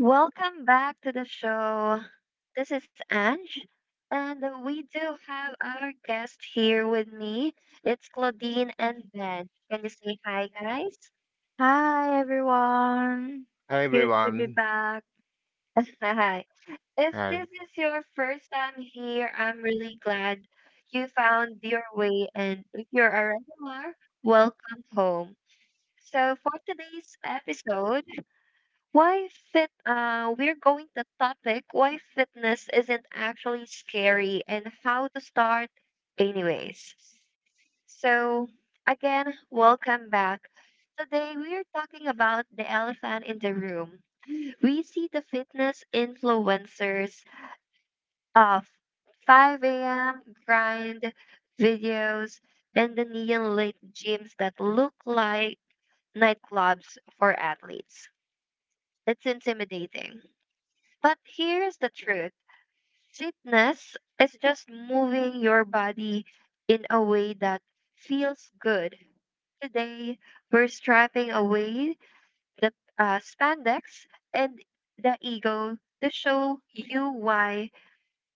Welcome back to the show. This is Ange, and we do have our guest here with me. It's Claudine and Ben. Can you say Hi, hi, guys. guys? Hi everyone. Hi Good to be everyone. back. Hi. If this This Hi. is is your first time Sammy here, here. I'm I'm really really glad glad you you found found your your way. way, and And if if you're you're a a regular, regular, welcome welcome home. home. So So, for for today's today's episode, episode, Why fit we're going to topic why fitness isn't actually scary and how to start anyways. So again, welcome back. Today we're talking about the elephant in the room. We see the fitness influencers of 5 a.m. grind videos and the neon lit gyms that look like nightclubs for athletes. It's intimidating. But here's the truth, fitness is just moving your body in a way that feels good. Today, we're stripping away the spandex and the ego to show you why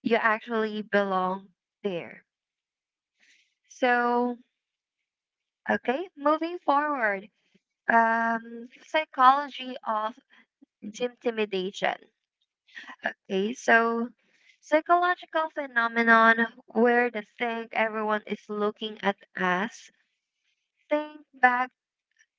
you actually belong there. So, okay, moving forward. Psychology of gymtimidation. Okay, so psychological phenomenon where the thing everyone is looking at us. Think back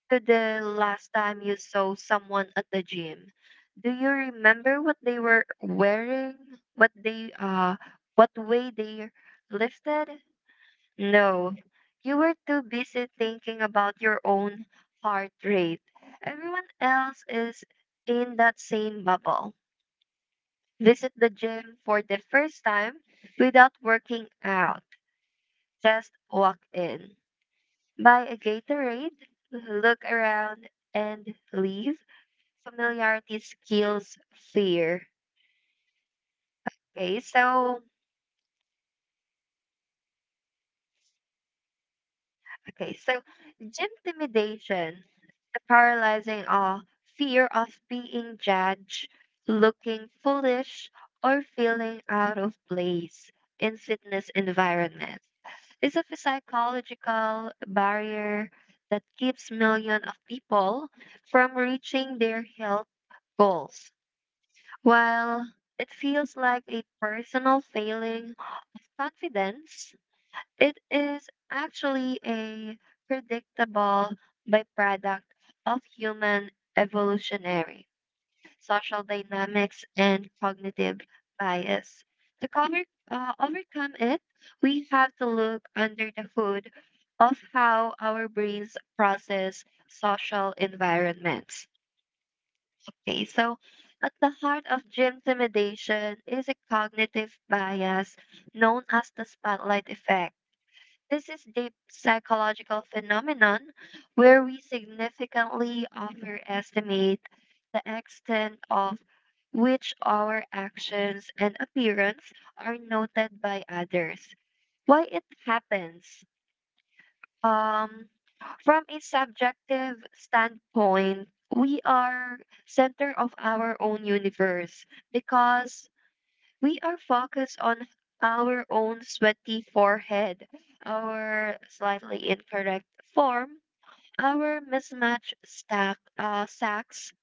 to the last time you saw someone at the gym. Do you remember what they were wearing? What they what way they lifted? No. You were too busy thinking about your own heart rate. Everyone else is in that same bubble, visit the gym for the first time without working out. Just walk in, buy a Gatorade, look around, and leave. Familiarity skills fear. Okay, so okay, so gym intimidation, the paralyzing awe, fear of being judged, looking foolish, or feeling out of place in fitness environment. It's a psychological barrier that keeps millions of people from reaching their health goals. While it feels like a personal failing of confidence, it is actually a predictable byproduct of human evolutionary social dynamics, and cognitive bias. To overcome it, we have to look under the hood of how our brains process social environments. Okay, so at the heart of gym intimidation is a cognitive bias known as the spotlight effect. This is the psychological phenomenon where we significantly overestimate the extent of which our actions and appearance are noted by others. Why it happens? Um, from a subjective standpoint, we are center of our own universe because we are focused on our own sweaty forehead, our slightly incorrect form, our mismatched sacks.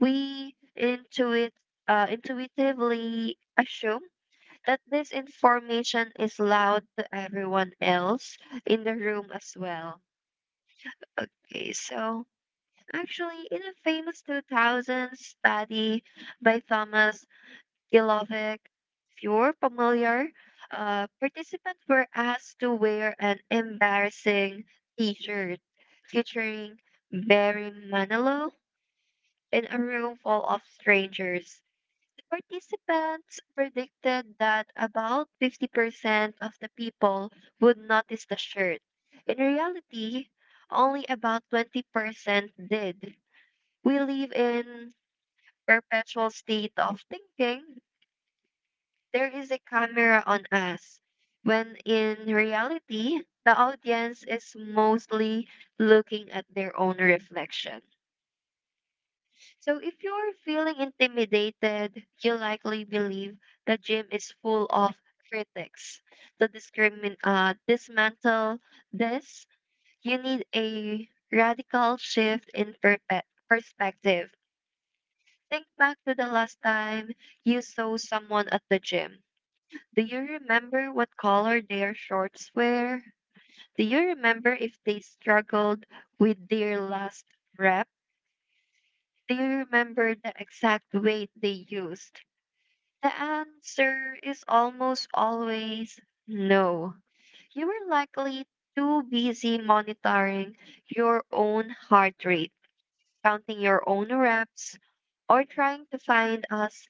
We intuitively assume that this information is loud to everyone else in the room as well. Okay, so actually, in a famous 2000 study by Thomas Gilovic, if you're familiar, participants were asked to wear an embarrassing t shirt featuring Barry Manilow in a room full of strangers. Participants predicted that about 50% of the people would notice the shirt. In reality, only about 20% did. We live in perpetual state of thinking there is a camera on us, when in reality, the audience is mostly looking at their own reflection. So if you're feeling intimidated, you likely believe the gym is full of critics. To dismantle this, you need a radical shift in perspective. Think back to the last time you saw someone at the gym. Do you remember what color their shorts were? Do you remember if they struggled with their last rep? Do you remember the exact weight they used? The answer is almost always no. You were likely too busy monitoring your own heart rate, counting your own reps, or trying to find us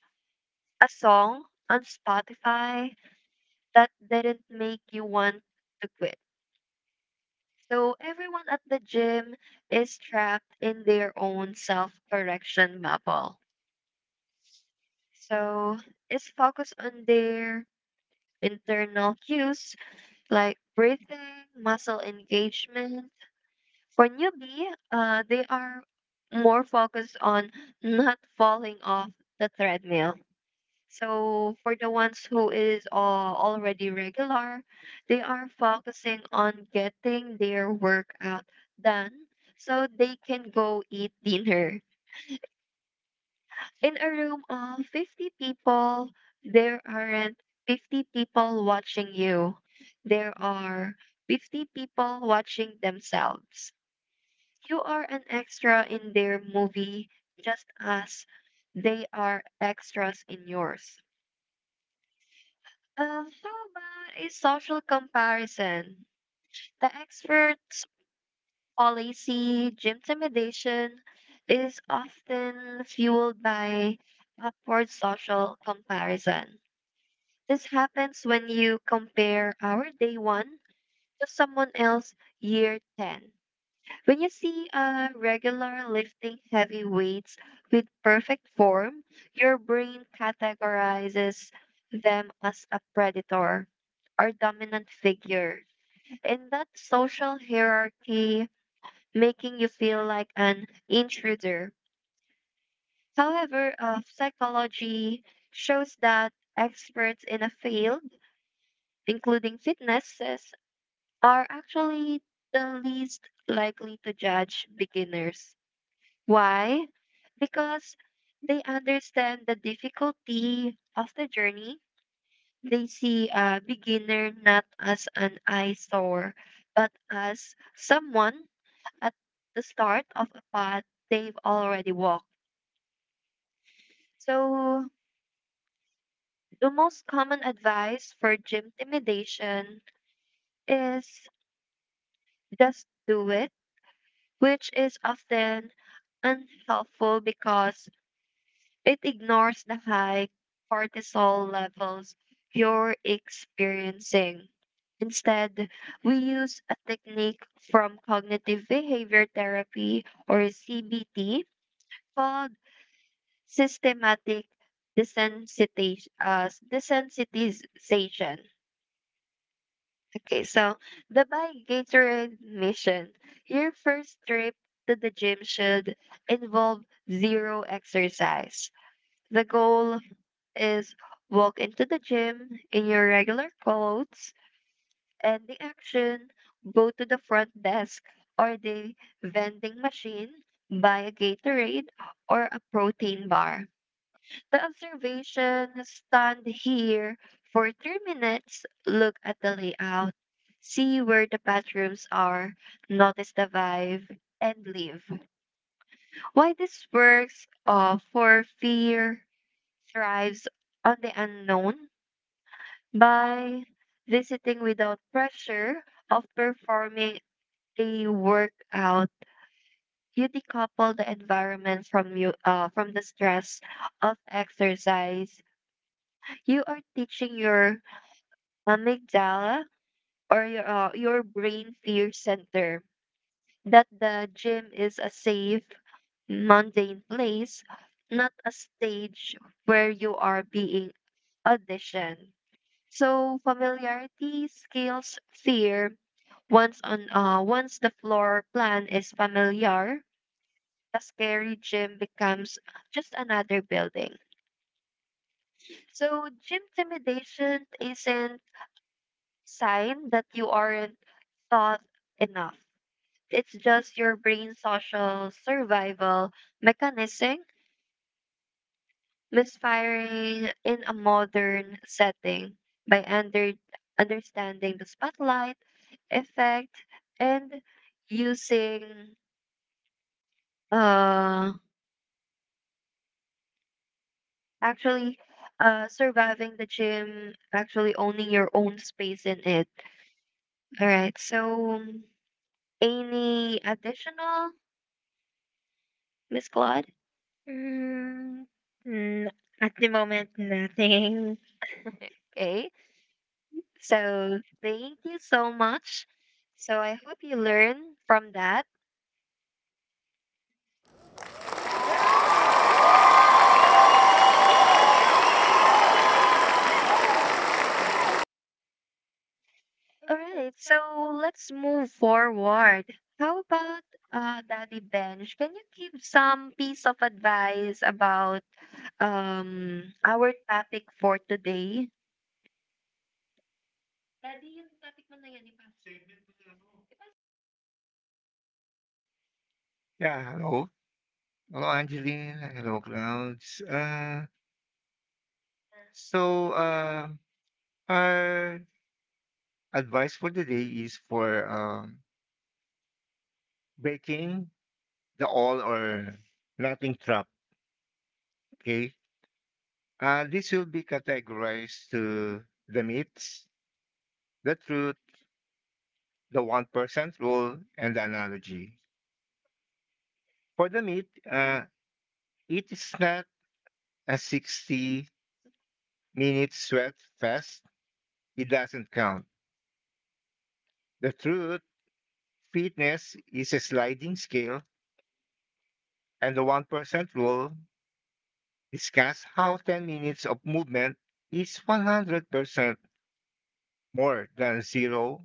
a song on Spotify that didn't make you want to quit. So everyone at the gym is trapped in their own self-correction bubble. So is focus on their internal cues like breathing, muscle engagement. For newbie, they are more focused on not falling off the treadmill. So for the ones who is already regular, they are focusing on getting their workout done so they can go eat dinner. In a room of 50 people, there aren't 50 people watching you. There are 50 people watching themselves. You are an extra in their movie just as they are extras in yours. How about a social comparison? The expert's policy, gymtimidation, is often fueled by upward social comparison. This happens when you compare our day one to someone else year 10. When you see a regular lifting heavy weights with perfect form, your brain categorizes them as a predator or dominant figure. In that social hierarchy, making you feel like an intruder. However, psychology shows that experts in a field including fitness, are actually the least likely to judge beginners. Why? Because they understand the difficulty of the journey. They see a beginner not as an eyesore, but as someone at the start of a path they've already walked. So, the most common advice for gym intimidation is just do it, which is often unhelpful because it ignores the high cortisol levels you're experiencing. Instead, we use a technique from cognitive behavior therapy or CBT called systematic desensitization. Okay, so the by Gatorade mission. Your first trip to the gym should involve zero exercise. The goal is walk into the gym in your regular clothes and the action go to the front desk or the vending machine, buy a Gatorade or a protein bar. The observation stand here for 3 minutes, look at the layout, see where the bathrooms are, notice the vibe, and leave. Why this works, for fear thrives on the unknown by visiting without pressure of performing a workout. You decouple the environment from you from the stress of exercise. You are teaching your amygdala or your brain fear center that the gym is a safe mundane place, not a stage where you are being auditioned. So familiarity scales fear. Once on uh, once the floor plan is familiar, a scary gym becomes just another building. So gym intimidation isn't sign that you aren't thought enough. It's just your brain's social survival mechanism misfiring in a modern setting by understanding the spotlight effect and using uh actually surviving the gym, actually owning your own space in it. All right, so any additional, Miss Claude? Mm, n- at the moment, nothing. Okay. So So thank thank you you so so much. much. So I hope you learn from that. All All right, right. so So let's let's move move forward. forward. How How about about Daddy Daddy Benj? Bench? Can Can you you give give some some piece piece of of advice advice about about um, our our topic topic for for today? today? Daddy, yung topic mo na yan, ipasok. Segment mo na ako. Ipasok. Yeah, hello. Hello Angeline. Hello Clouds. So our advice for the day is for breaking the all or nothing trap. Okay. This will be categorized to the myths, the truth, the 1% rule, and the analogy. For the myth, it is not a 60 minute sweat fest. It doesn't count. The truth. Fitness is a sliding scale, and the 1% rule discuss how 10 minutes of movement is 100% more than 0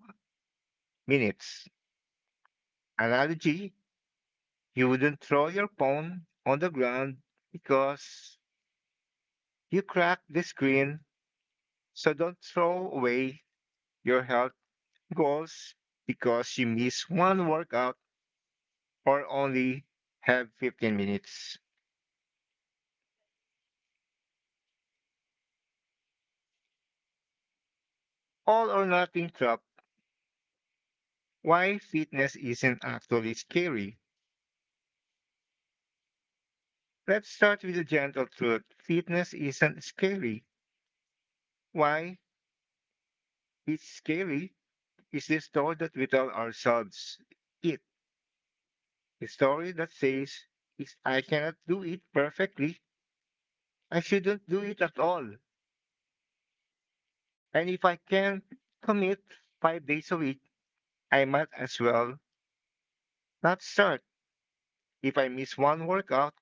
minutes. Analogy, you wouldn't throw your phone on the ground because you cracked the screen, so don't throw away your health goals because you miss one workout or only have 15 minutes. All or nothing trap. Why fitness isn't actually scary? Let's start with the gentle truth. Fitness isn't scary. Why it's scary is the story that we tell ourselves. It, the story that says, is I cannot do it perfectly. I shouldn't do it at all. And if I can commit 5 days a week, I might as well not start. If I miss one workout,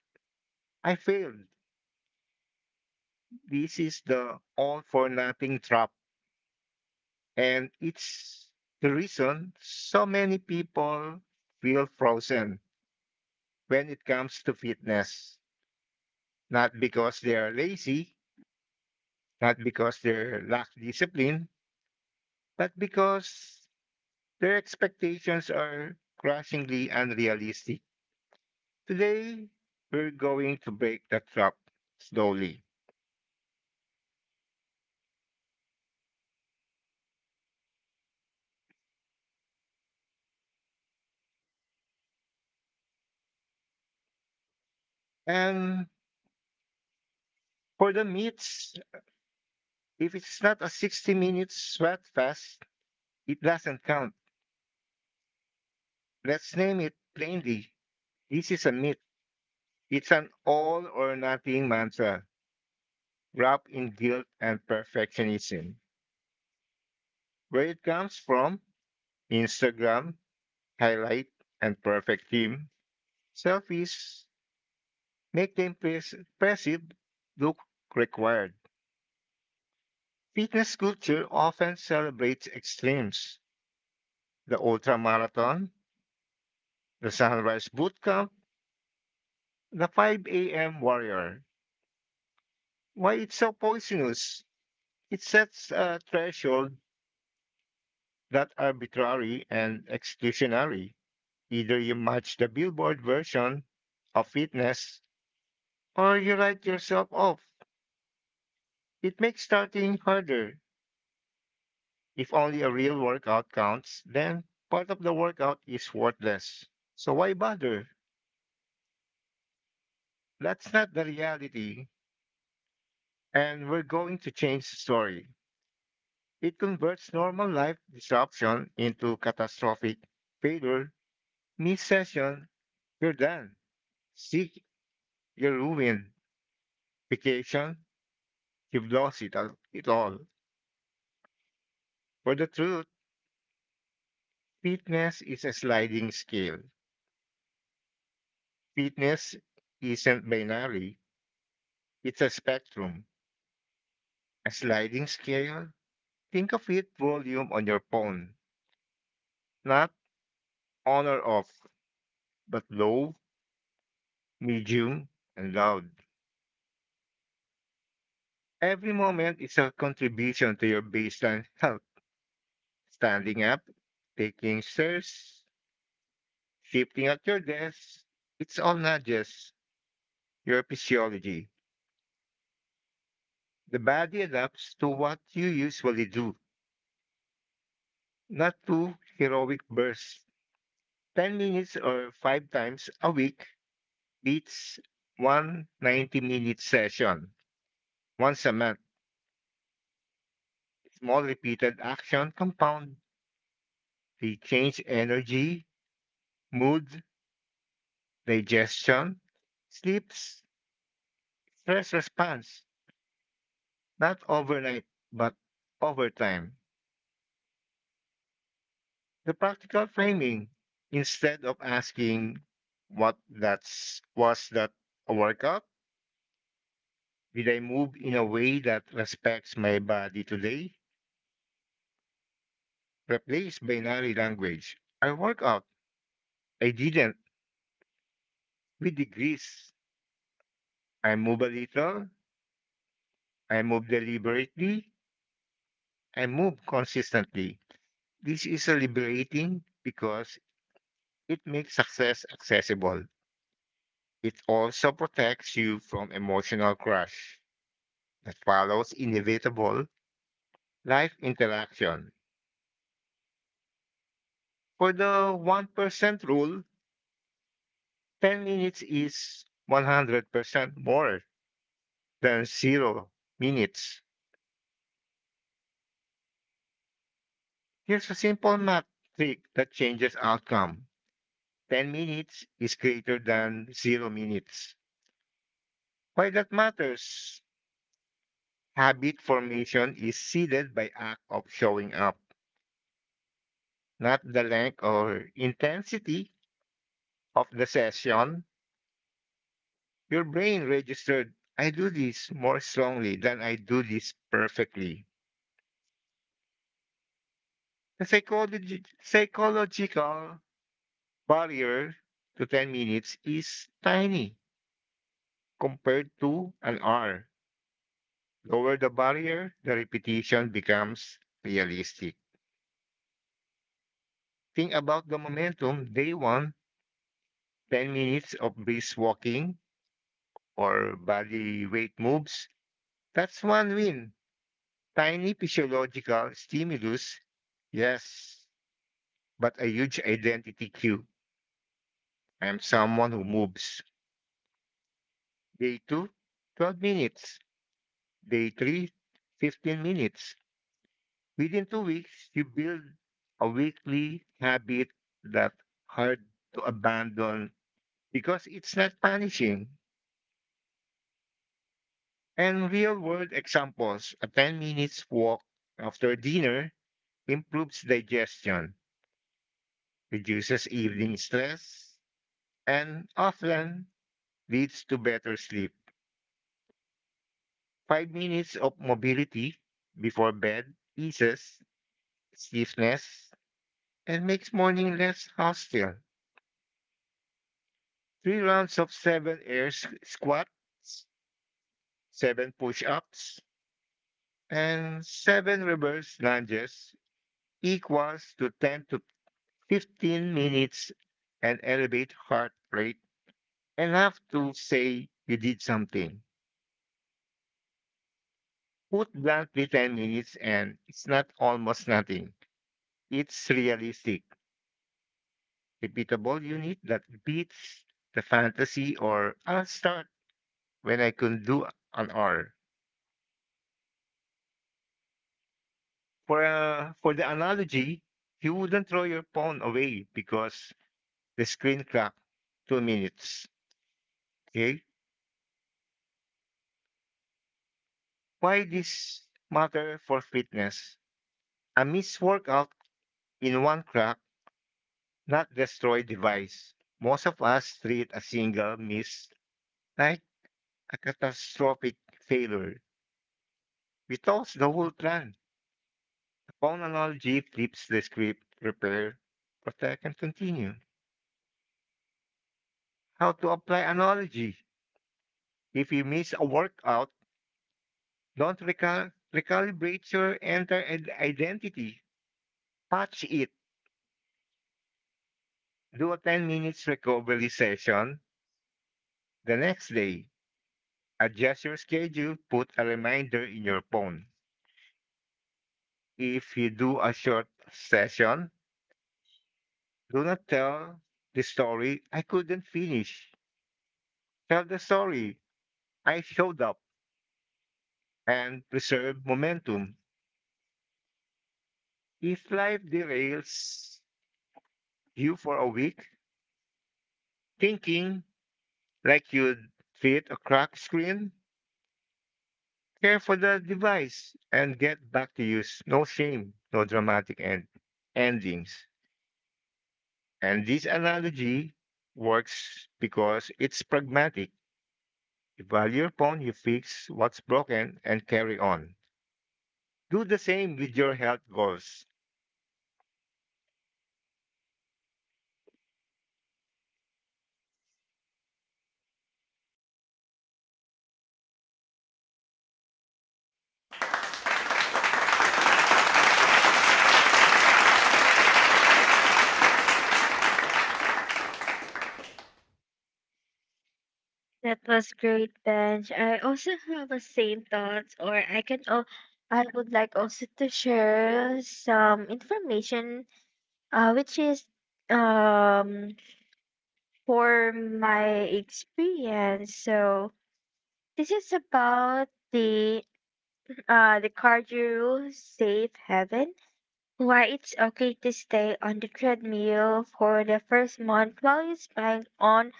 I failed. This is the all for nothing trap. And it's the reason so many people feel frozen when it comes to fitness. Not because they are lazy, not because they lack discipline, but because their expectations are crushingly unrealistic. Today, we're going to break that trap slowly. And for the meats, if it's not a 60-minute sweat fast, it doesn't count. Let's name it plainly. This is a myth. It's an all or nothing mantra wrapped in guilt and perfectionism. Where it comes from Instagram, highlight, and perfect team. Selfies make them impressive look required. Fitness culture often celebrates extremes, the ultra marathon, the sunrise boot camp, the 5 a.m. warrior. Why it's so poisonous? It sets a threshold that arbitrary and exclusionary. Either you match the Billboard version of fitness or you write yourself off. It makes starting harder. If only a real workout counts, then part of the workout is worthless. So why bother? That's not the reality. And we're going to change the story. It converts normal life disruption into catastrophic failure, missed session, you're done. Sick, you're ruined. Vacation, you've lost it all. For the truth, fitness is a sliding scale. Fitness isn't binary, it's a spectrum. A sliding scale, think of it volume on your phone, not on or off, but low, medium, and loud. Every moment is a contribution to your baseline health. Standing up, taking stairs, shifting at your desk, it's all nudges, your physiology. The body adapts to what you usually do. Not two heroic bursts. 10 minutes or 5 times a week beats one 90 minute session. Once a month, small repeated action compound the change energy, mood, digestion, sleeps, stress response, not overnight, but over time. The practical framing, instead of asking what that's was that a workout, did I move in a way that respects my body today? Replace binary language. I work out. I didn't. With degrees. I move a little. I move deliberately. I move consistently. This is liberating because it makes success accessible. It also protects you from emotional crush that follows inevitable life interaction. For the 1% rule, 10 minutes is 100% more than 0 minutes. Here's a simple math trick that changes outcome. 10 minutes is greater than 0 minutes. Why that matters? Habit formation is seeded by act of showing up, not the length or intensity of the session. Your brain registered, I do this more strongly than I do this perfectly. The psychological barrier to 10 minutes is tiny compared to an hour. Lower the barrier, the repetition becomes realistic. Think about the momentum day one, 10 minutes of brisk walking or body weight moves. That's one win. Tiny physiological stimulus, yes, but a huge identity cue. I am someone who moves. Day two, 12 minutes. Day three, 15 minutes. Within 2 weeks, you build a weekly habit that hard to abandon because it's not punishing. And real world examples, a 10 minutes walk after dinner improves digestion, reduces evening stress, and often leads to better sleep. 5 minutes of mobility before bed eases stiffness and makes morning less hostile. Three rounds of seven squats, seven push ups, and seven reverse lunges equals to 10 to 15 minutes and elevate heart rate and have to say you did something. Put bluntly, 10 minutes and it's not almost nothing. It's realistic, repeatable unit that beats the fantasy or I'll start when I can do an hour. For the analogy, you wouldn't throw your phone away because the screen cracked 2 minutes. Okay, why this matter for fitness? A missed workout in one crack, not destroy device. Most of us treat a single miss like a catastrophic failure. We toss the whole plan. The phone analogy flips the script, repair, protect, and continue. How to apply analogy? If you miss a workout, don't recalibrate your entire identity. Patch it. Do a 10 minutes recovery session the next day. Adjust your schedule. Put a reminder in your phone. If you do a short session, do not tell the story I couldn't finish. Tell the story I showed up and preserve momentum. If life derails you for a week, thinking like you'd fit a cracked screen, care for the device and get back to use. No shame, no dramatic endings. And this analogy works because it's pragmatic. You value your phone, you fix what's broken and carry on. Do the same with your health goals. That was great, Benj. I also have the same thoughts, or I can. Oh, I would like also to share some information, which is um for my experience. So this is about the the cardio safe haven, why it's okay to stay on the treadmill for the first month while you spying on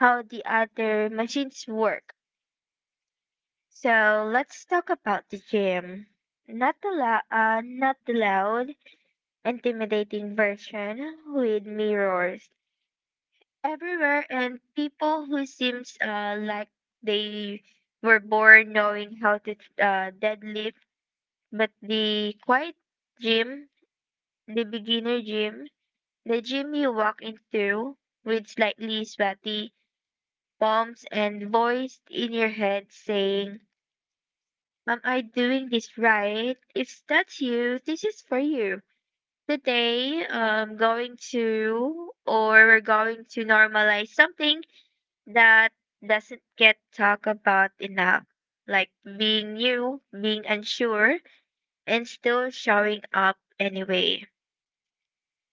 how the other machines work. So let's talk about the gym. Not the loud, intimidating version with mirrors everywhere and people who seems like they were born knowing how to deadlift. But the quiet gym, the beginner gym, the gym you walk into with slightly sweaty palms and voice in your head saying, am I doing this right? If that's you, this is for you. Today, I'm going to, or we're going to normalize something that doesn't get talked about enough, like being new, being unsure, and still showing up anyway.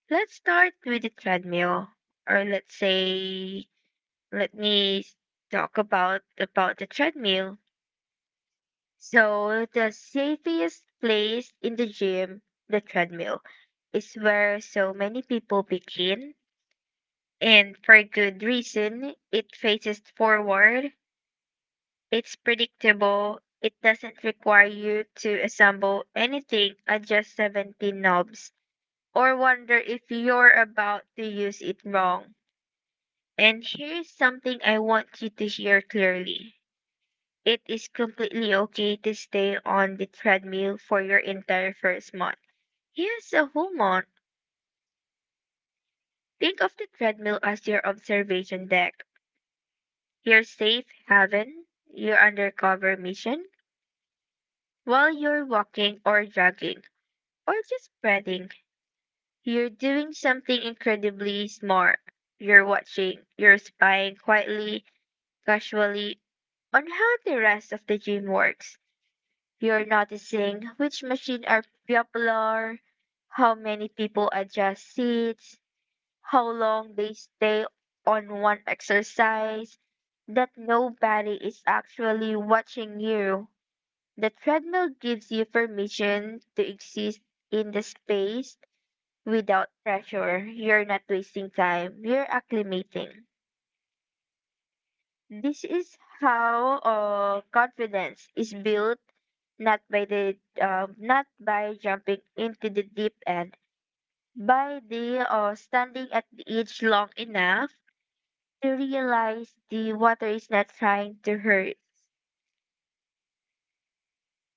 Let's start with the treadmill, or let's say, let me talk about the treadmill. So the safest place in the gym, the treadmill, is where so many people begin, and for good reason. It faces forward. It's predictable. It doesn't require you to assemble anything, adjust 17 knobs, or wonder if you're about to use it wrong. And here's something I want you to hear clearly. It is completely okay to stay on the treadmill for your entire first month. Here's a whole month. Think of the treadmill as your observation deck, your safe haven, your undercover mission. While you're walking or jogging or just breathing, you're doing something incredibly smart. You're watching, you're spying quietly, casually, on how the rest of the gym works. You're noticing which machine are popular, how many people adjust seats, how long they stay on one exercise, that nobody is actually watching you. The treadmill gives you permission to exist in the space without pressure. You're not wasting time, you're acclimating. This is how confidence is built, not by the not by jumping into the deep end, by the standing at the edge long enough to realize the water is not trying to hurt,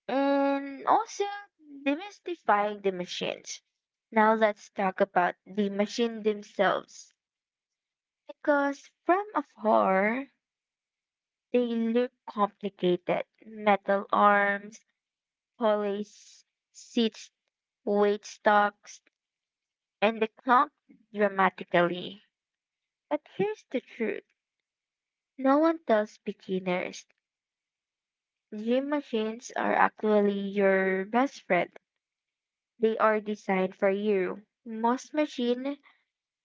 and also demystifying the machines. Now let's talk about the machine themselves, because from afar they look complicated: metal arms, Polly's, seats, weight stocks, and declined dramatically. But here's the truth. No one tells beginners. Gym machines are actually your best friend. They are designed for you. Most machines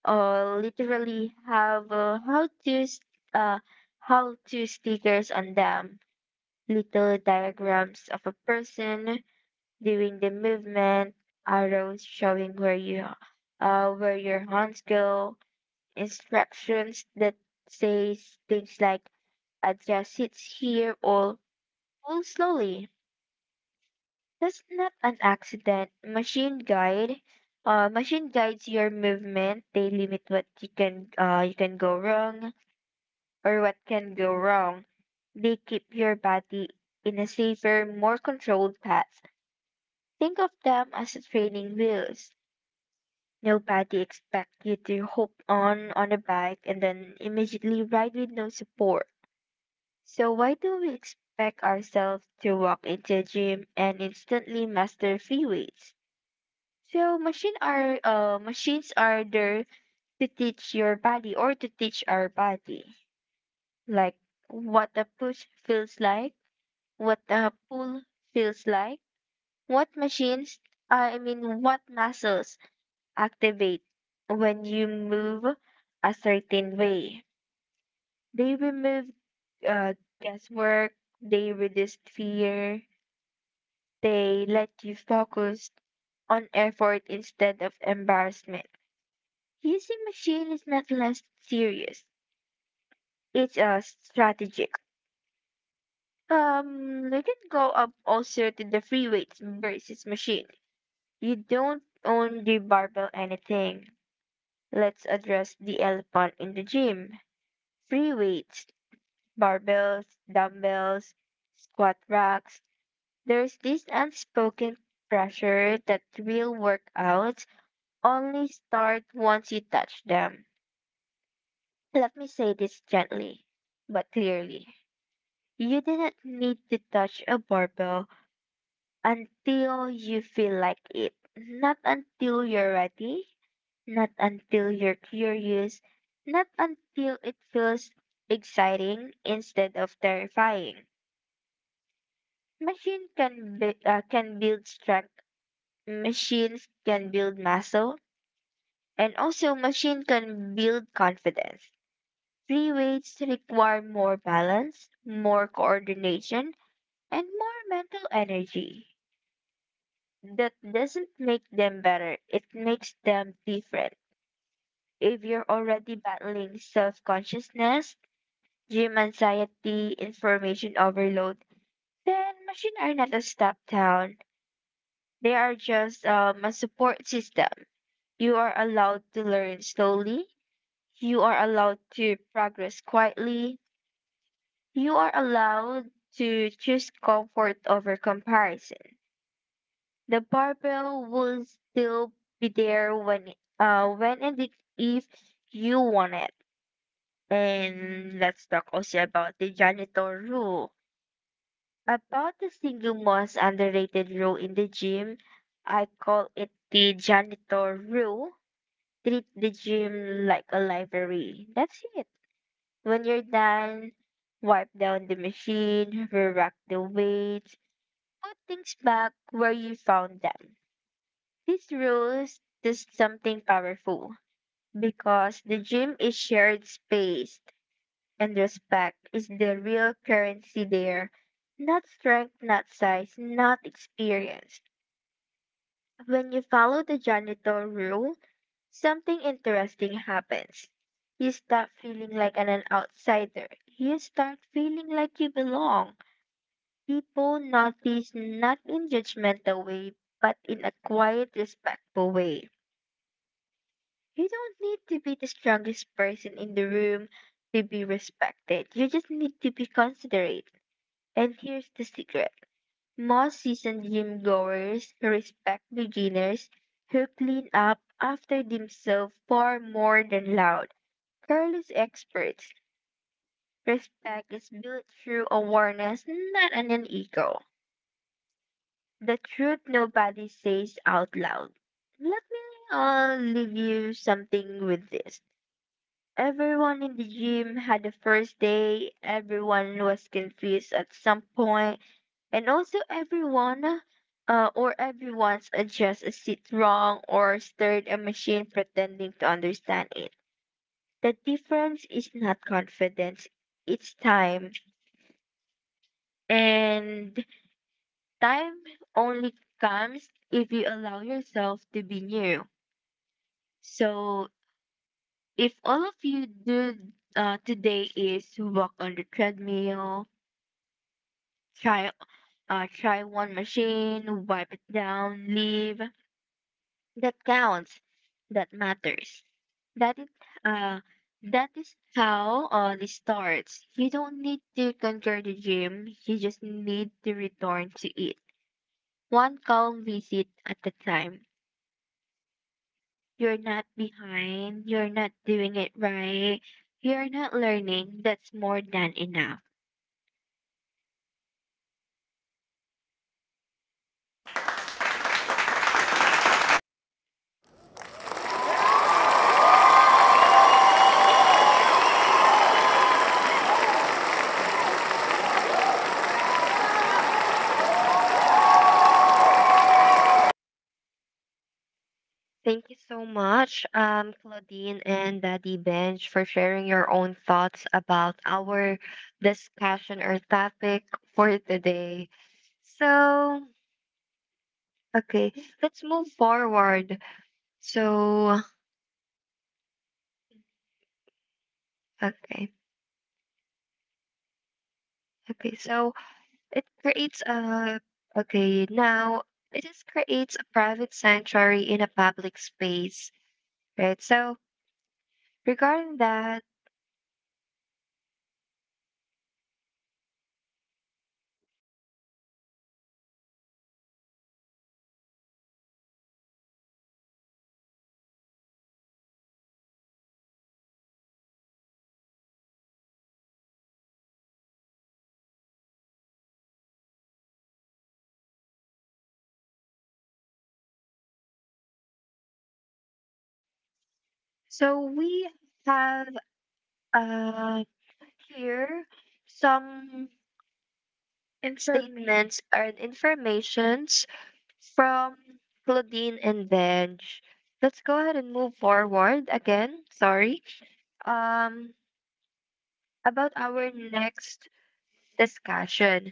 literally have uh, how to stickers on them, little diagrams of a person doing the movement, arrows showing where your hands go, instructions that says things like adjust seats here or pull slowly. That's not an accident. Machine guides your movement. They limit what you can go wrong or what can go wrong. They keep your body in a safer, more controlled path. Think of them as training wheels. Nobody expects you to hop on a bike and then immediately ride with no support. So why do we expect ourselves to walk into a gym and instantly master free weights? So machines are there to teach your body or to teach our body, like what a push feels like, what a pull feels like, what machines I mean what muscles activate when you move a certain way. They remove uh, guesswork, they reduce fear, they let you focus on effort instead of embarrassment. Using machine is not less serious. It's strategic. Let it go up also to the free weights versus machine. You don't own the barbell anything. Let's address the elephant in the gym. Free weights, barbells, dumbbells, squat racks. There's this unspoken pressure that real workouts only start once you touch them. Let me say this gently, but clearly. You didn't need to touch a barbell until you feel like it. Not until you're ready, not until you're curious, not until it feels exciting instead of terrifying. Can build strength. Machines can build muscle, and also machine can build confidence. Free weights require more balance, more coordination, and more mental energy. That doesn't make them better. It makes them different. If you're already battling self-consciousness, gym anxiety, information overload, then machines are not a step down. They are just a support system. You are allowed to learn slowly. You are allowed to progress quietly. You are allowed to choose comfort over comparison. The barbell will still be there when and if you want it. And let's talk also about the janitor rule. About the single most underrated rule in the gym, I call it the janitor rule. Treat the gym like a library. That's it. When you're done, wipe down the machine, re-rack the weights, put things back where you found them. These rules do something powerful because the gym is shared space and respect is the real currency there. Not strength, not size, not experience. When you follow the janitor rule, something interesting happens. You stop feeling like an outsider. You start feeling like you belong. People notice not in judgmental way, but in a quiet, respectful way. You don't need to be the strongest person in the room to be respected. You just need to be considerate. And here's the secret. Most seasoned gym goers respect beginners who clean up after themselves far more than loud, careless experts. Respect is built through awareness, not on an ego. The truth nobody says out loud. Let me leave you something with this. Everyone in the gym had a first day, everyone was confused at some point, and also everyone's just a sit wrong or stirred a machine pretending to understand it. The difference is not confidence, it's time. And time only comes if you allow yourself to be new. So if all of you do today is walk on the treadmill, try try one machine, wipe it down, leave, that counts, that matters. That it, uh, that is how this starts. You don't need to conquer the gym. You just need to return to it. One calm visit at a time. You're not behind. You're not doing it right. You're not learning. That's more than enough. Thank Thank you you so so much, much, um, Claudine Dean. and Daddy Bench, for sharing your own thoughts about our discussion or topic for today. So, okay, let's move forward. So, okay, okay. So It creates a okay now. It just creates a private sanctuary in a public space, right? So regarding that, so And we we have have uh, uh here here some some information. statements and informations from Claudine and Benj. Let's go ahead and move forward again. Sorry. Um, about our next discussion.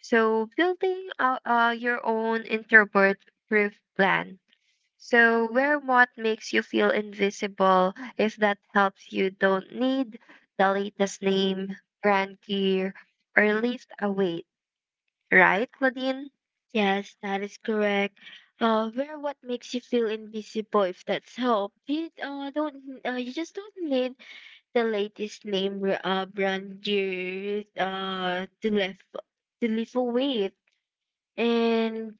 So, building your own introvert proof plan. So, wear what makes you feel invisible if that helps you. Don't need the latest name, brand gear, or lift a weight, right, Claudine? Yes, that is correct. Wear what makes you feel invisible if that's help. You just don't need the latest brand you to live with. And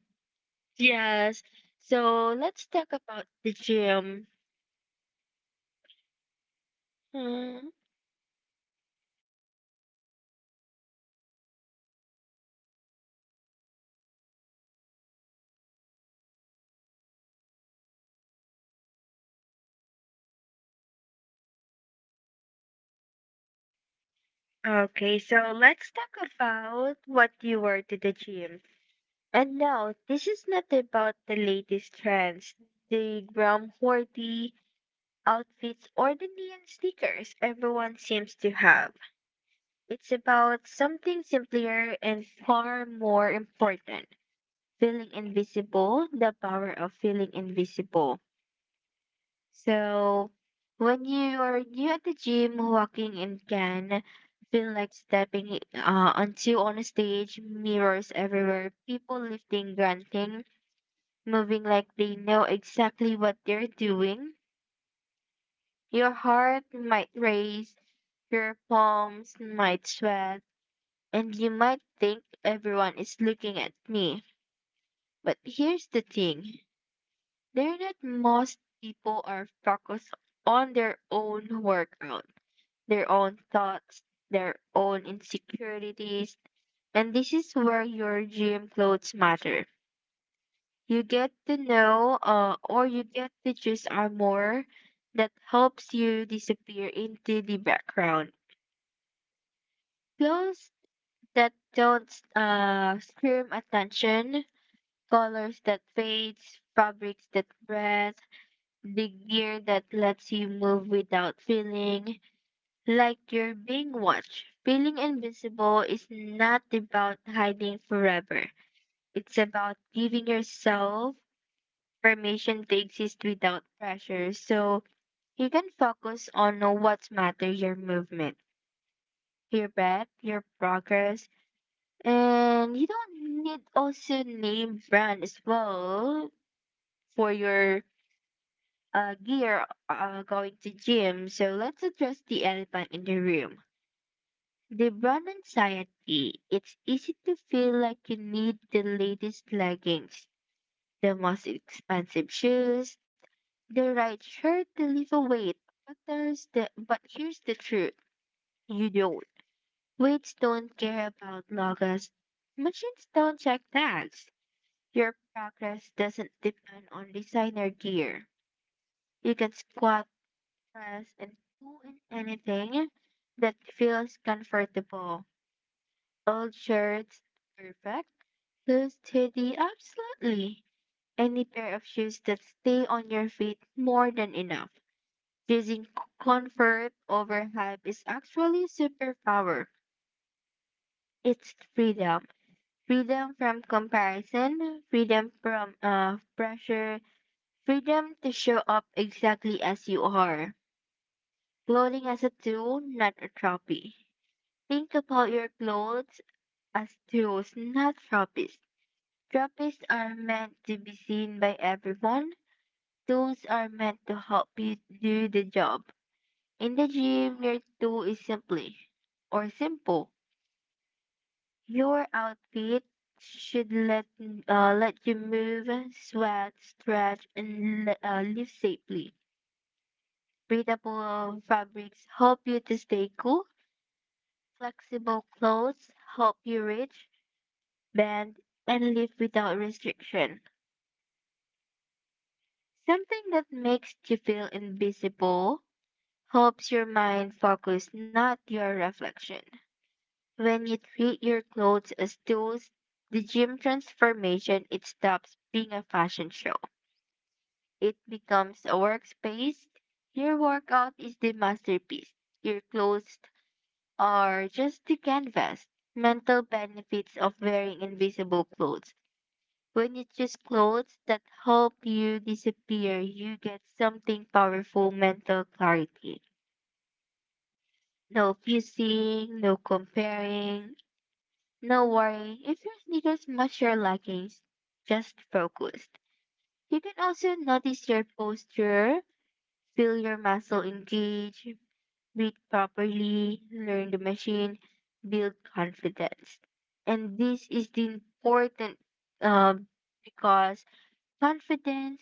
yes, so let's talk about the gym. Hmm. Okay, so let's talk about what you wear to the gym. And no, this is not about the latest trends. The Gram 40 outfits or the neon stickers everyone seems to have. It's about something simpler and far more important: feeling invisible, the power of feeling invisible. So, when you are new at the gym, walking in can feel like stepping onto on a stage, mirrors everywhere, people lifting, grunting, moving like they know exactly what they're doing. Your heart might race, your palms might sweat, and you might think everyone is looking at me. But here's the thing: they're not. Most people are focused on their own workout, their own thoughts, their own insecurities, and this is where your gym clothes matter. You get to know or you get to choose armor that helps you disappear into the background. Clothes that don't scream attention, colors that fades, fabrics that breathe, the gear that lets you move without feeling like you're being watched. Feeling invisible is not about hiding forever. It's about giving yourself permission to exist without pressure so you can focus on what matters: your movement, your breath, your progress. And you don't need also name brand as well for your gear going to gym. So let's address the elephant in the room. The brand anxiety. It's easy to feel like you need the latest leggings, the most expensive shoes, the right shirt to lift a weight. But here's the truth. You don't. Weights don't care about logos. Machines don't check tags. Your progress doesn't depend on designer gear. You can squat, press, and pull in anything that feels comfortable. Old shirts, perfect. Shoes, steady, absolutely. Any pair of shoes that stay on your feet more than enough. Choosing comfort over hype is actually superpower. It's freedom. Freedom from comparison, freedom from pressure, freedom to show up exactly as you are. Clothing as a tool, not a trophy. Think about your clothes as tools, not trophies. Trophies are meant to be seen by everyone. Tools are meant to help you do the job. In the gym, your tool is simply or simple. Your outfit should let you move, sweat, stretch, and live safely. Breathable fabrics help you to stay cool. Flexible clothes help you reach, bend, and lift without restriction. Something that makes you feel invisible helps your mind focus, not your reflection. When you treat your clothes as tools, the gym transformation it stops being a fashion show. It becomes a workspace. Your workout is the masterpiece. Your clothes or just to canvas mental benefits of wearing invisible clothes. When you choose clothes that help you disappear, you get something powerful mental clarity. No fusing, no comparing, no worrying if your sneakers match your leggings, just focused. You can also notice your posture, feel your muscle engage, read properly, learn the machine, build confidence. And this is the important um, because confidence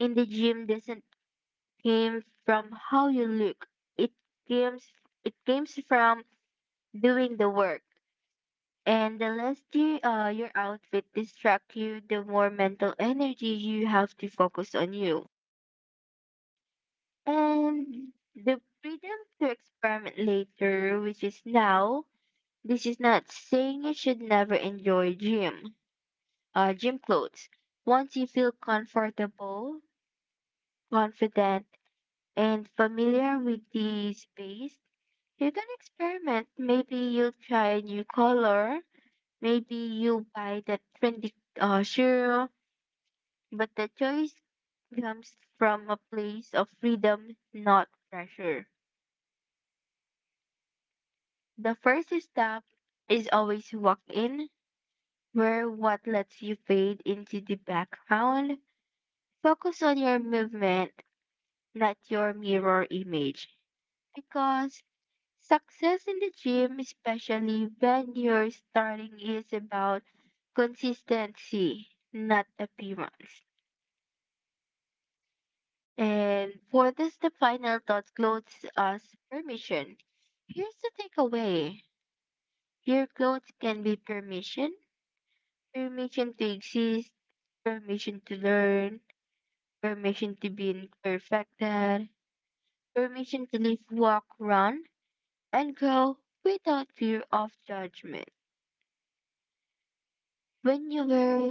in the gym doesn't came from how you look. It comes it comes from doing the work. And the less your outfit distract you, the more mental energy you have to focus on you. And the freedom to experiment later, which is now, this is not saying you should never enjoy gym clothes. Once you feel comfortable, confident, and familiar with the space, you can experiment. Maybe you'll try a new color. Maybe you'll buy that trendy shoe. But the choice comes from a place of freedom, not pressure. The first step is always walk in, where what lets you fade into the background. Focus on your movement, not your mirror image. Because success in the gym, especially when you're starting, is about consistency, not appearance. And for this, the final thought clothes us permission. Here's the takeaway, your clothes can be permission, permission to exist, permission to learn, permission to be imperfected, permission to live, walk, run and grow without fear of judgment. When you wear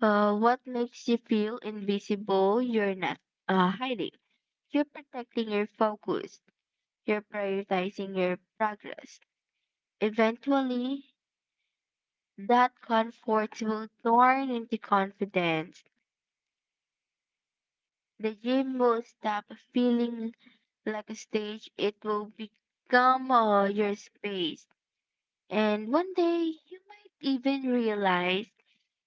what makes you feel invisible, you're not hiding. You're protecting your focus. You're prioritizing your progress. Eventually, that comfort will turn into confidence. The gym will stop feeling like a stage, it will become your space. And one day, you might even realize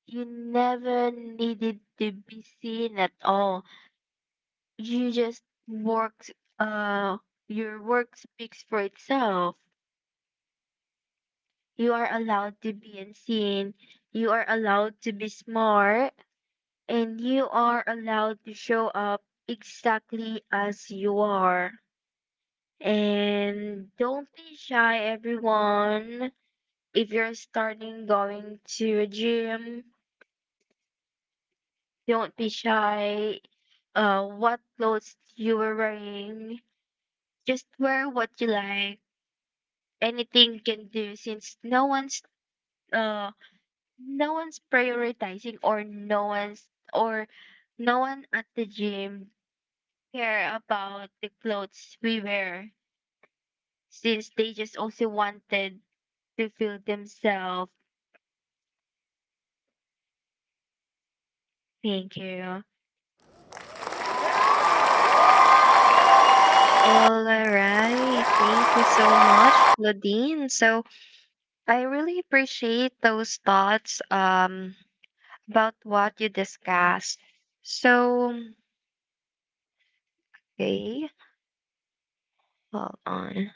you never needed to be seen at all. You just worked, uh, your work speaks for itself. You are allowed to be unseen. You are allowed to be smart. And you are allowed to show up exactly as you are. And don't be shy, everyone. If you're starting going to a gym, don't be shy what clothes you were wearing. Just wear what you like. Anything can do since uh no one's prioritizing or no one at the gym care about the clothes we wear since they just also wanted to feel themselves. Thank you. All right. Thank you so much, Claudine. So, I really appreciate those thoughts about what you discussed. So, okay, hold on.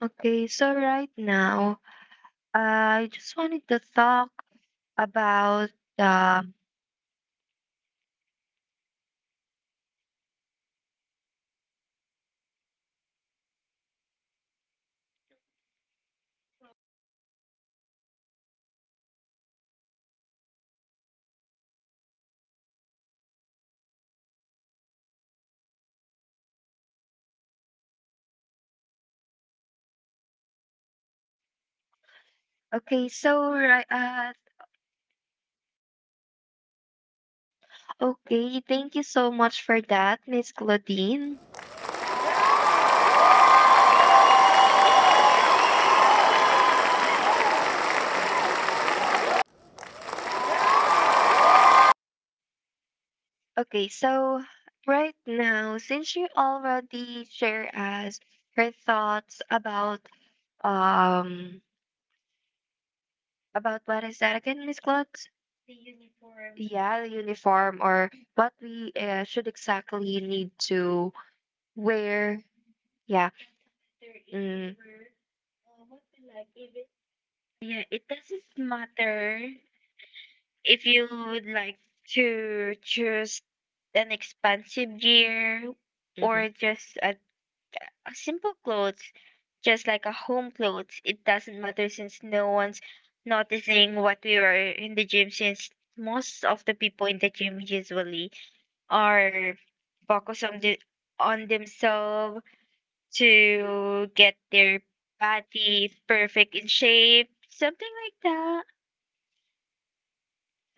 Okay, so right now, I just wanted to talk about okay, so right uh okay, thank you so much for that, Miss Claudine. Okay, so right now, since you already share us her thoughts um about what is that again, Miss Claude? The uniform. Yeah, the uniform or what we should exactly need to wear. Yeah. Mm. Yeah, it doesn't matter if you would like to choose an expensive gear or Mm-hmm. just a simple clothes, just like a home clothes, it doesn't matter since no one's noticing what we were in the gym since most of the people in the gym usually are focused on the on themselves to get their body perfect in shape, something like that.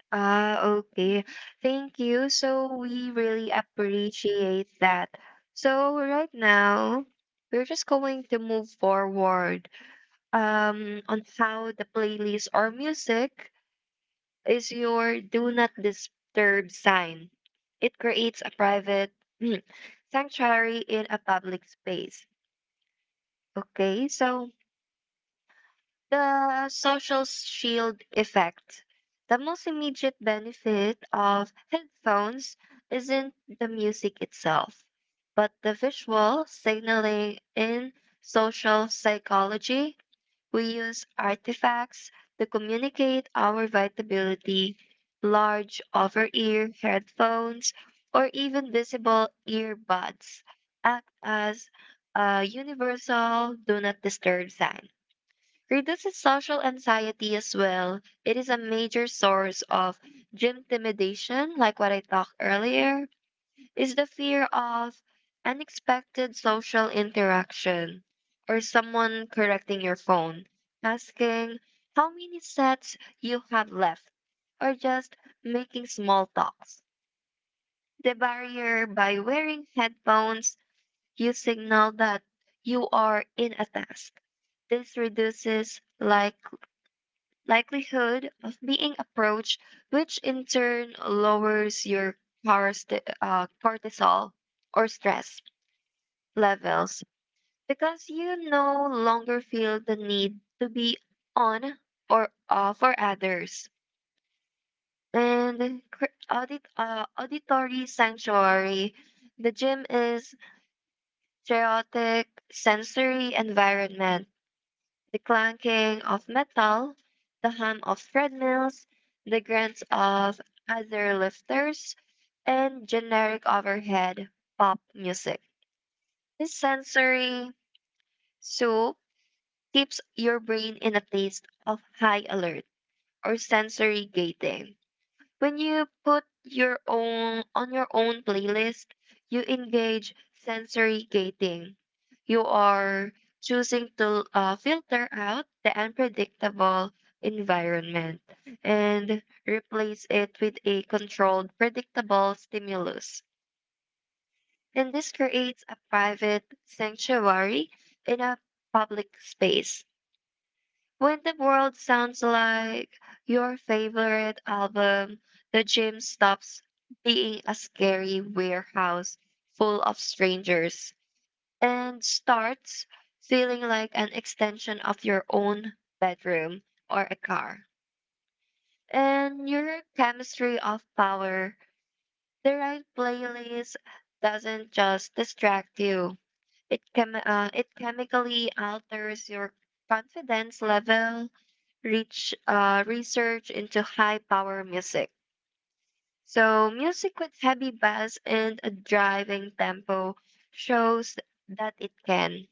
Ah, okay. Thank you. So So we really really appreciate. appreciate that. So right now, we're just going to move forward on how the playlist or music is your do not disturb sign. It creates a private sanctuary in a public space. Okay, so the social shield effect. The most immediate benefit of headphones isn't the music itself, but the visual signaling in social psychology. We use artifacts to communicate our vitality, large over ear headphones, or even visible earbuds act as a universal do not disturb sign. Reduces social anxiety as well. It is a major source of gym intimidation, like what I talked earlier, is the fear of unexpected social interaction or someone correcting your phone, asking how many sets you have left, or just making small talks. The barrier, by wearing headphones, you signal that you are in a task. This reduces like likelihood of being approached, which in turn lowers your cortisol or stress levels because you no longer feel the need to be on or off for others. And auditory sanctuary, the gym is chaotic sensory environment, the clanking of metal, the hum of treadmills, the grunts of other lifters, and generic overhead pop music. This sensory soup keeps your brain in a state of high alert or sensory gating. When you put your own playlist, you engage sensory gating. You are choosing to filter out the unpredictable environment and replace it with a controlled, predictable stimulus. And this creates a private sanctuary in a public space. When the world sounds like your favorite album, the gym stops being a scary warehouse full of strangers and starts feeling like an extension of your own bedroom or a car. And your chemistry of power, the right playlist doesn't just distract you. It it chemically alters your confidence level. Reach Research into high power music. So, music with heavy bass and a driving tempo shows that it can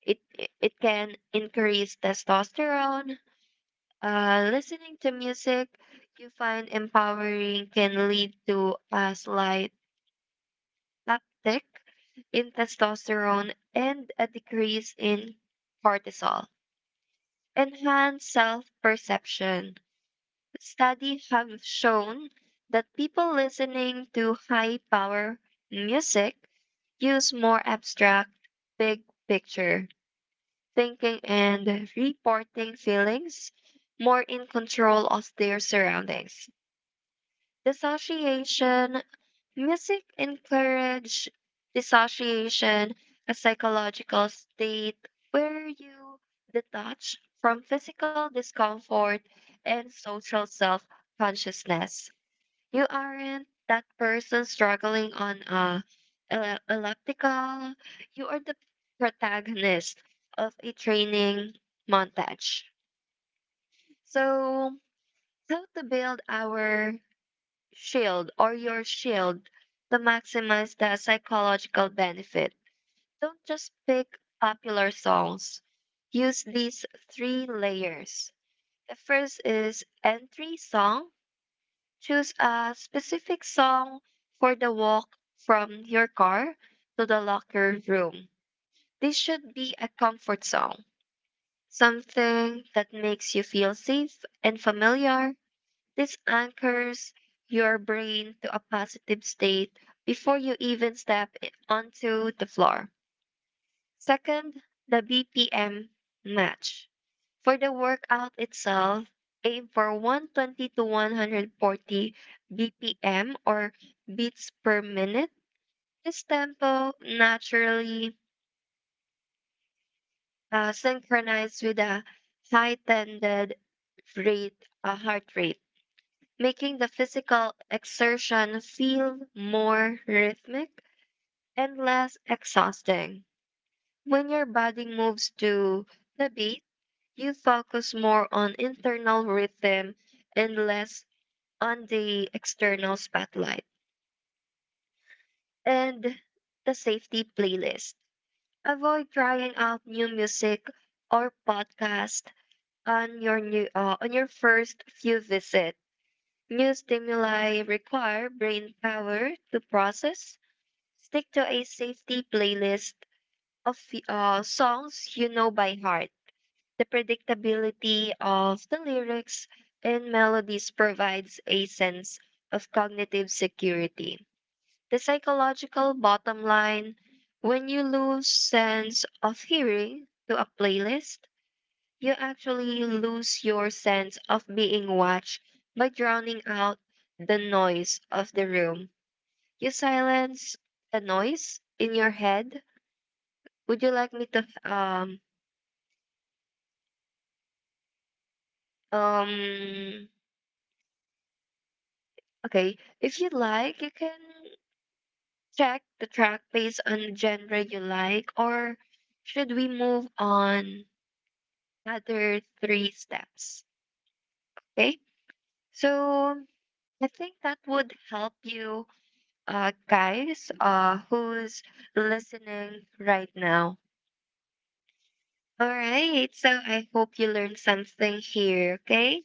it it it can increase testosterone. Listening to music you find empowering can lead to a slight uptick in testosterone and a decrease in cortisol. Enhance self perception. Studies have shown that people listening to high power music use more abstract, big picture thinking and reporting feelings more in control of their surroundings. Dissociation music encourage dissociation, a psychological state where you detach from physical discomfort and social self consciousness. You aren't that person struggling on a ele- elliptical. You are the protagonist of a training montage. So, how to build our shield or your shield to maximize the psychological benefit? Don't just pick popular songs. Use these three layers. The first is entry song. Choose a specific song for the walk from your car to the locker room. This should be a comfort song, something that makes you feel safe and familiar. This anchors your brain to a positive state before you even onto the floor. Second, the BPM match. For the workout itself, aim for 120 to 140 BPM or beats per minute. This tempo naturally synchronized with a high tended rate, heart rate, making the physical exertion feel more rhythmic and less exhausting. When your body moves to the beat, you focus more on internal rhythm and less on the external spotlight. And the safety playlist: avoid trying out new music or podcast on your first few visits. New stimuli require brain power to process. Stick to a safety playlist of songs you know by heart. The predictability of the lyrics and melodies provides a sense of cognitive security. The psychological bottom line: when you lose sense of hearing to a playlist, you actually lose your sense of being watched. By drowning out the noise of the room, you silence the noise in your head. Would you like me to um Okay, if you like, you can check the track based on the genre you like, or should we move on other three steps? Okay, so I think that would help you guys who's listening right now. All right, so I hope you learned something here, okay?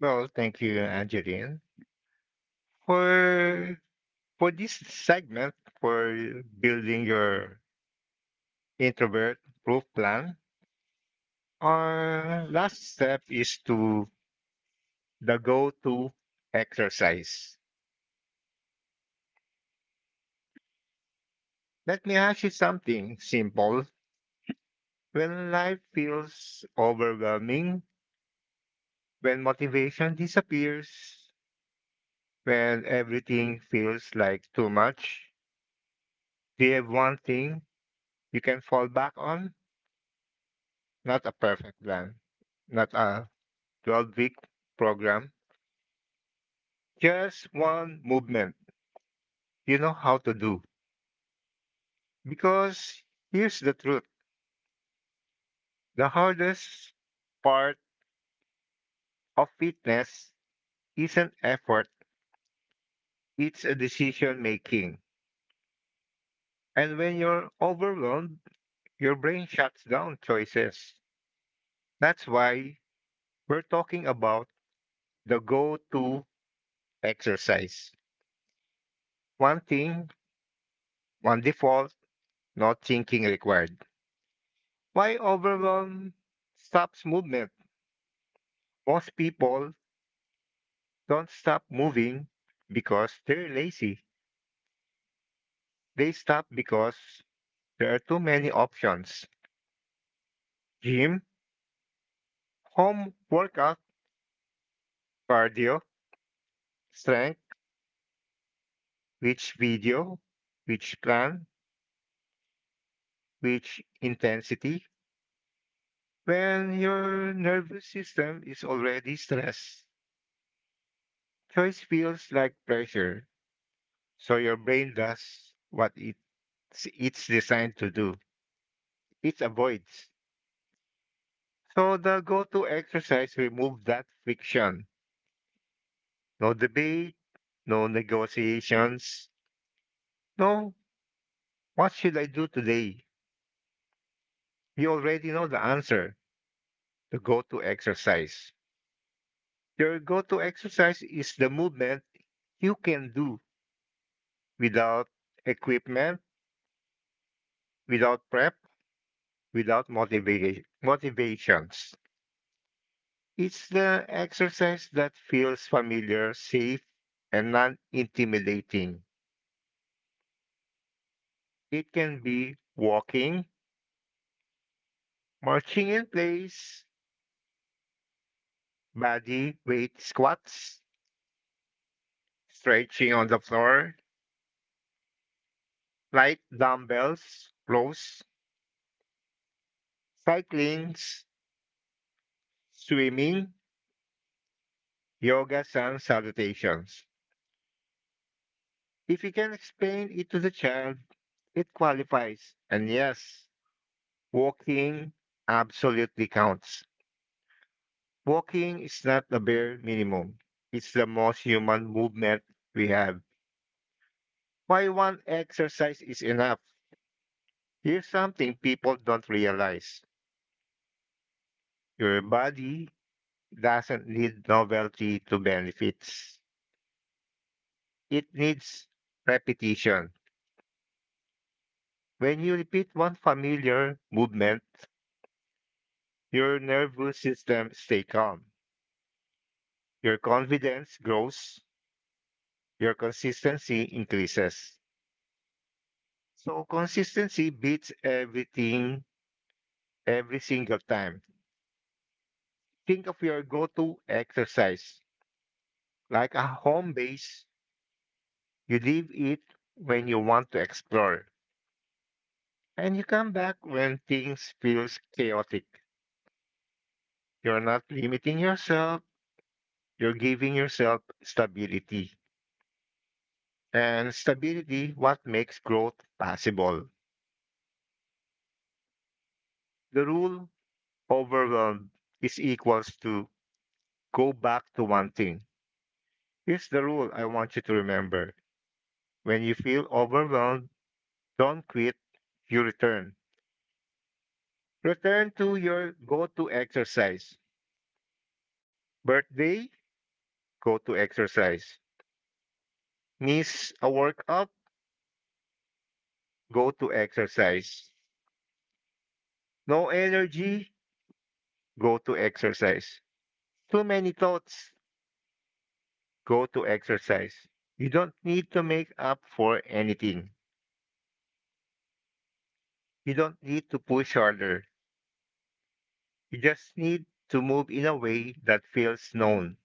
Well, thank you, Angeline. For for this segment for building your introvert proof plan, our last step is to the go to exercise. Let me ask you something simple. When life feels overwhelming, when motivation disappears, when everything feels like too much, do you have one thing you can fall back on? Not a perfect plan, not a 12-week program, just one movement you know how to do. Because here's the truth. The hardest part of fitness isn't effort, it's a decision making. And when you're overwhelmed, your brain shuts down choices. That's why we're talking about the go to exercise. One thing, one default, not thinking required. Why overwhelm stops movement? Most people don't stop moving because they're lazy. They stop because there are too many options, gym, home workout, cardio, strength, which video, which plan, which intensity, when your nervous system is already stressed. Choice feels like pressure, so your brain does what it's designed to do it avoids. So the go to exercise removes that friction. No debate, no negotiations, no what should I do today? You already know the answer. The go to exercise. Your go to exercise is the movement you can do without equipment, without prep, without motivations. It's the exercise that feels familiar, safe, and non intimidating. It can be walking, marching in place, body weight squats, stretching on the floor, light dumbbells, rows, cycling, swimming, Yoga Sun Salutations. If you can explain it to the child, it qualifies. And yes, walking absolutely counts. Walking is not the bare minimum, it's the most human movement we have. Why one exercise is enough? Here's something people don't realize, your body doesn't need novelty to benefits, it needs repetition. When you repeat one familiar movement, your nervous system stay calm. Your confidence grows. Your consistency increases. So consistency beats everything every single time. Think of your go-to exercise like a home base. You leave it when you want to explore and you come back when things feels chaotic. You're not limiting yourself. You're giving yourself stability. And stability what makes growth possible. The rule overwhelmed is equals to go back to one thing. Here's the rule I want you to remember. When you feel overwhelmed, don't quit, you return. Return to your go to exercise. Birthday, go to exercise. Miss a workout, go to exercise. No energy, go to exercise. Too many thoughts, go to exercise. You don't need to make up for anything. You don't need to push harder. You just need to move in a way that feels known.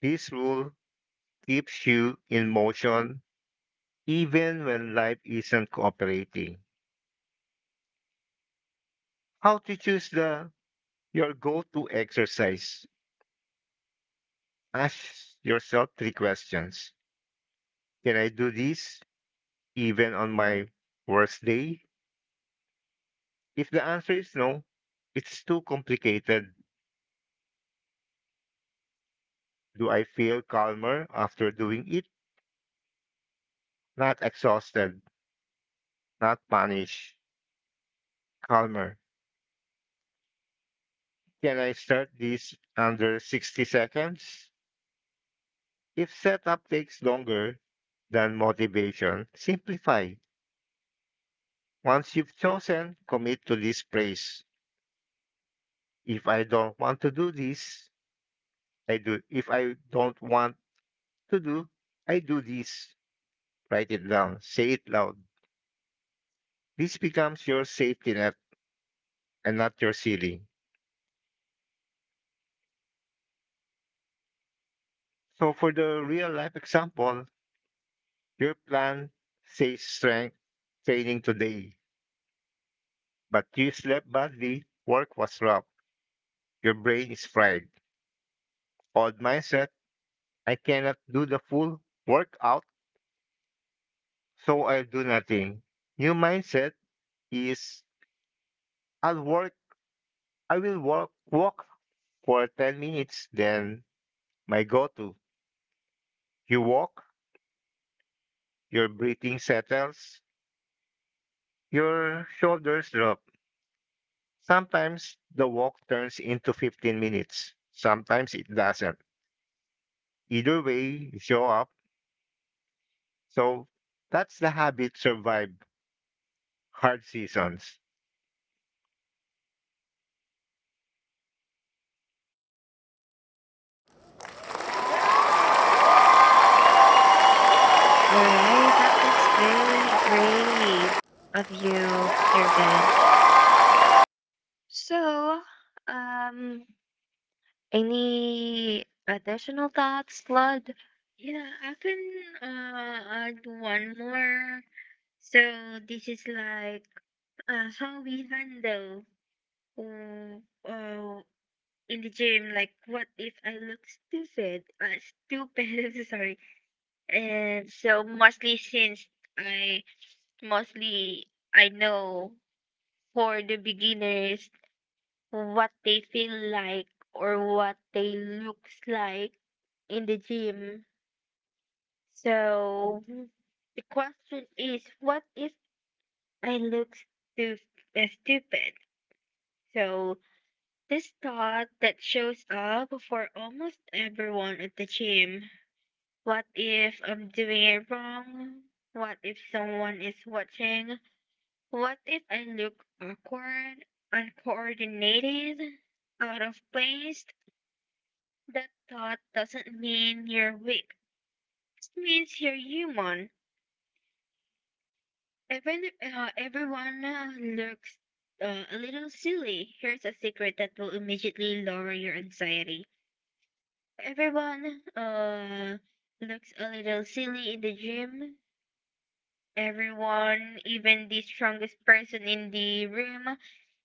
This rule keeps you in motion even when life isn't cooperating. How to choose the your go-to exercise? Ask yourself three questions. Can I do this even on my worst day? If the answer is no, it's too complicated. Do I feel calmer after doing it? Not exhausted, not punished, calmer. Can I start this under 60 seconds? If setup takes longer than motivation, simplify. Once you've chosen, commit to this place. If I don't want to do this, I do. If I don't want to do, I do this. Write it down. Say it loud. This becomes your safety net and not your ceiling. So for the real life example, your plan says strength training today. But you slept badly, work was rough, your brain is fried. Old mindset, I cannot do the full workout, so I do nothing. New mindset is I'll work, I will work, walk for 10 minutes, then my go to. You walk, your breathing settles, your shoulders drop. Sometimes the walk turns into 15 minutes, sometimes it doesn't. Either way, you show up, so that's the habit survive hard seasons All right, that was very great of you, Sir Benj. So, um, any additional thoughts, Lud? Yeah, I can add one more. So this is like how we handle uh, uh, in the gym. Like, what if I look stupid? Stupid. Sorry. And so mostly since I mostly I know for the beginners what they feel like or what they looks like in the gym. So, mhm, the question is, what if I look stupid? So this thought that shows up for almost everyone at the gym. What if I'm doing it wrong? What if someone is watching? What if I look awkward, uncoordinated, out of place? That thought doesn't mean you're weak. It means you're human. Even everyone looks a little silly. Here's a secret that will immediately lower your anxiety. Everyone looks a little silly in the gym. Everyone, even the strongest person in the room,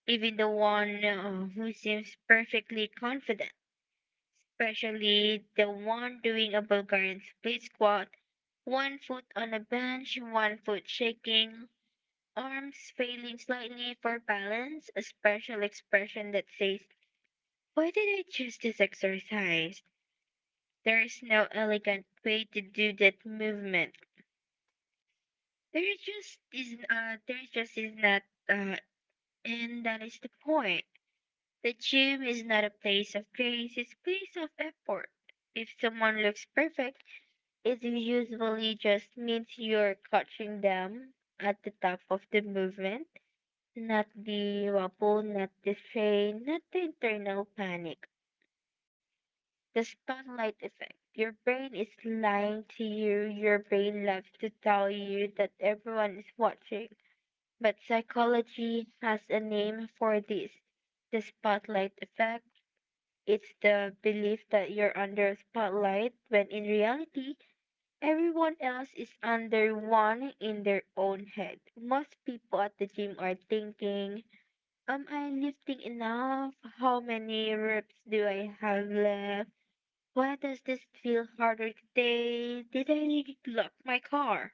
even the one who seems perfectly confident, especially the one doing a Bulgarian split squat, one foot on a bench, one foot shaking, arms failing slightly for balance, a special expression that says, why did I choose this exercise? There is no elegant way to do that movement. There is just is there is just is not uh and that is the point. The gym is not a place of grace, it's a place of effort. If someone looks perfect, it usually just means you're catching them at the top of the movement, not the wobble, not the strain, not the internal panic. The spotlight effect. Your brain is lying to you. Your brain loves to tell you that everyone is watching. But psychology has a name for this. The spotlight effect. It's the belief that you're under a spotlight when in reality, everyone else is under one in their own head. Most people at the gym are thinking, am I lifting enough? How many reps do I have left? Why does this feel harder today? Did I lock my car?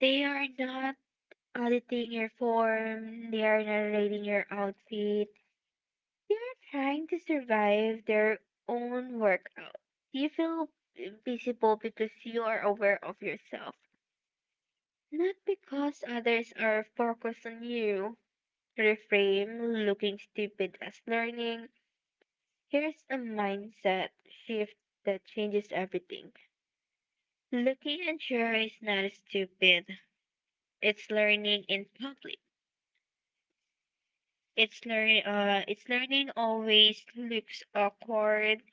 They are not auditing your form. They are not rating your outfit. They are trying to survive their own workout. You feel invisible because you are aware of yourself, not because others are focused on you. Reframe looking stupid as learning. Here's a mindset shift that changes everything. Looking and sharing is not stupid. It's learning in public. It's learning always looks awkward.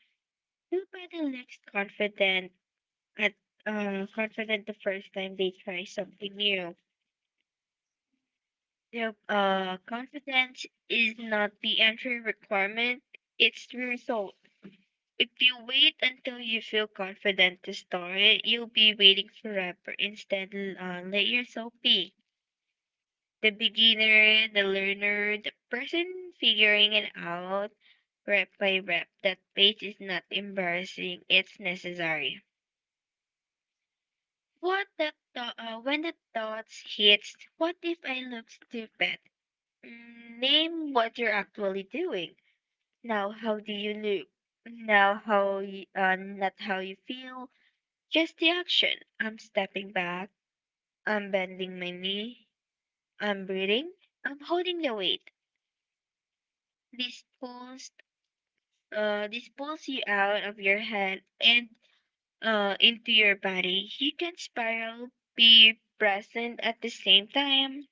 Nobody looks confident at confident the first time they try something new. Nope. Confidence is not the entry requirement. It's the result. If you wait until you feel confident to start, you'll be waiting forever. Instead, let yourself be the beginner, the learner, the person figuring it out rep by rep. That pace is not embarrassing; it's necessary. What the thought? When the thoughts hits, what if I look stupid? Name what you're actually doing. Now, how do you look? Not how you feel. Just the action. I'm stepping back. I'm bending my knee. I'm breathing. I'm holding the weight. This pulls, this pulls you out of your head and into your body. You can spiral, be present at the same time.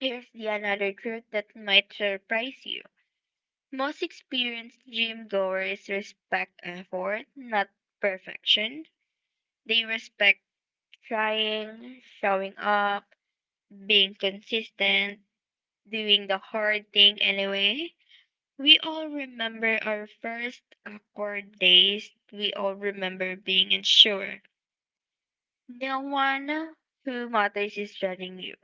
Here's the another truth that might surprise you. Most experienced gym goers respect effort, not perfection. They respect trying, showing up, being consistent, doing the hard thing anyway. We all remember our first awkward days. We all remember being unsure. No one who matters is judging you.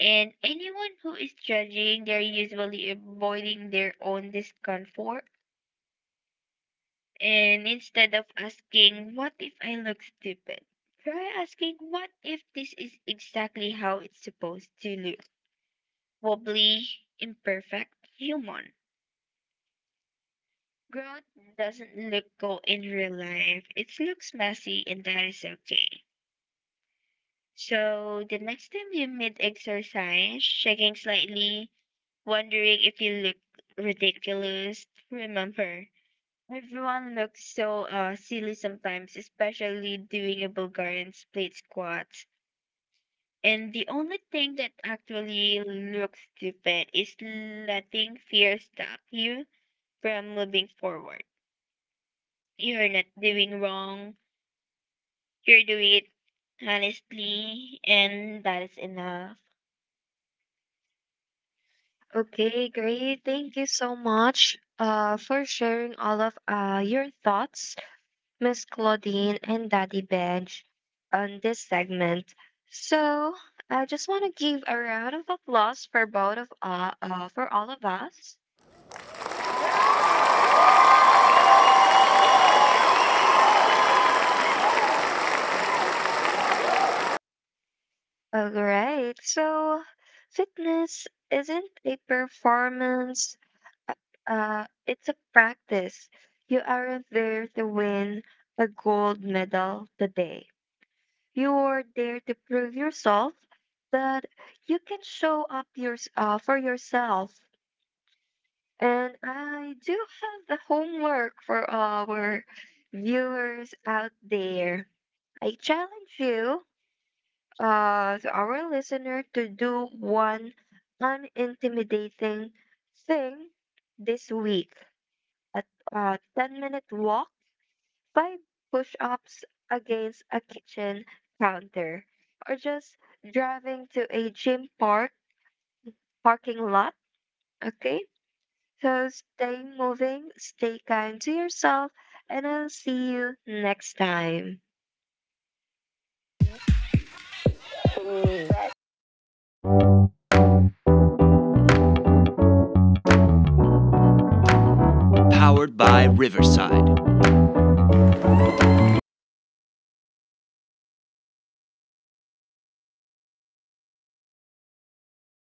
And anyone who is judging, they're usually avoiding their own discomfort. And instead of asking, what if I look stupid? Try asking, what if this is exactly how it's supposed to look? Wobbly, imperfect, human. Growth doesn't look go in real life. It looks messy and that is okay. So the next time you mid exercise, shaking slightly, wondering if you look ridiculous, remember everyone looks so silly sometimes, especially doing a Bulgarian split squats. And the only thing that actually looks stupid is letting fear stop you from moving forward. You're not doing wrong, you're doing it honestly, and that is enough. Okay, great. Thank you so much for sharing all of your thoughts, Miss Claudine and Daddy Benj, on this segment. So I just want to give a round of applause for both of for all of us. All right. So fitness isn't a performance, uh, it's a practice. You aren't there to win a gold medal today. You're there to prove yourself that you can show up for yourself. And I do have the homework for our viewers out there. I challenge you, to our listener, to do one unintimidating thing this week: a, a 10-minute minute walk, five push ups against a kitchen counter, or just driving to a gym park parking lot. Okay? So stay moving, stay kind to yourself, and I'll see you next time.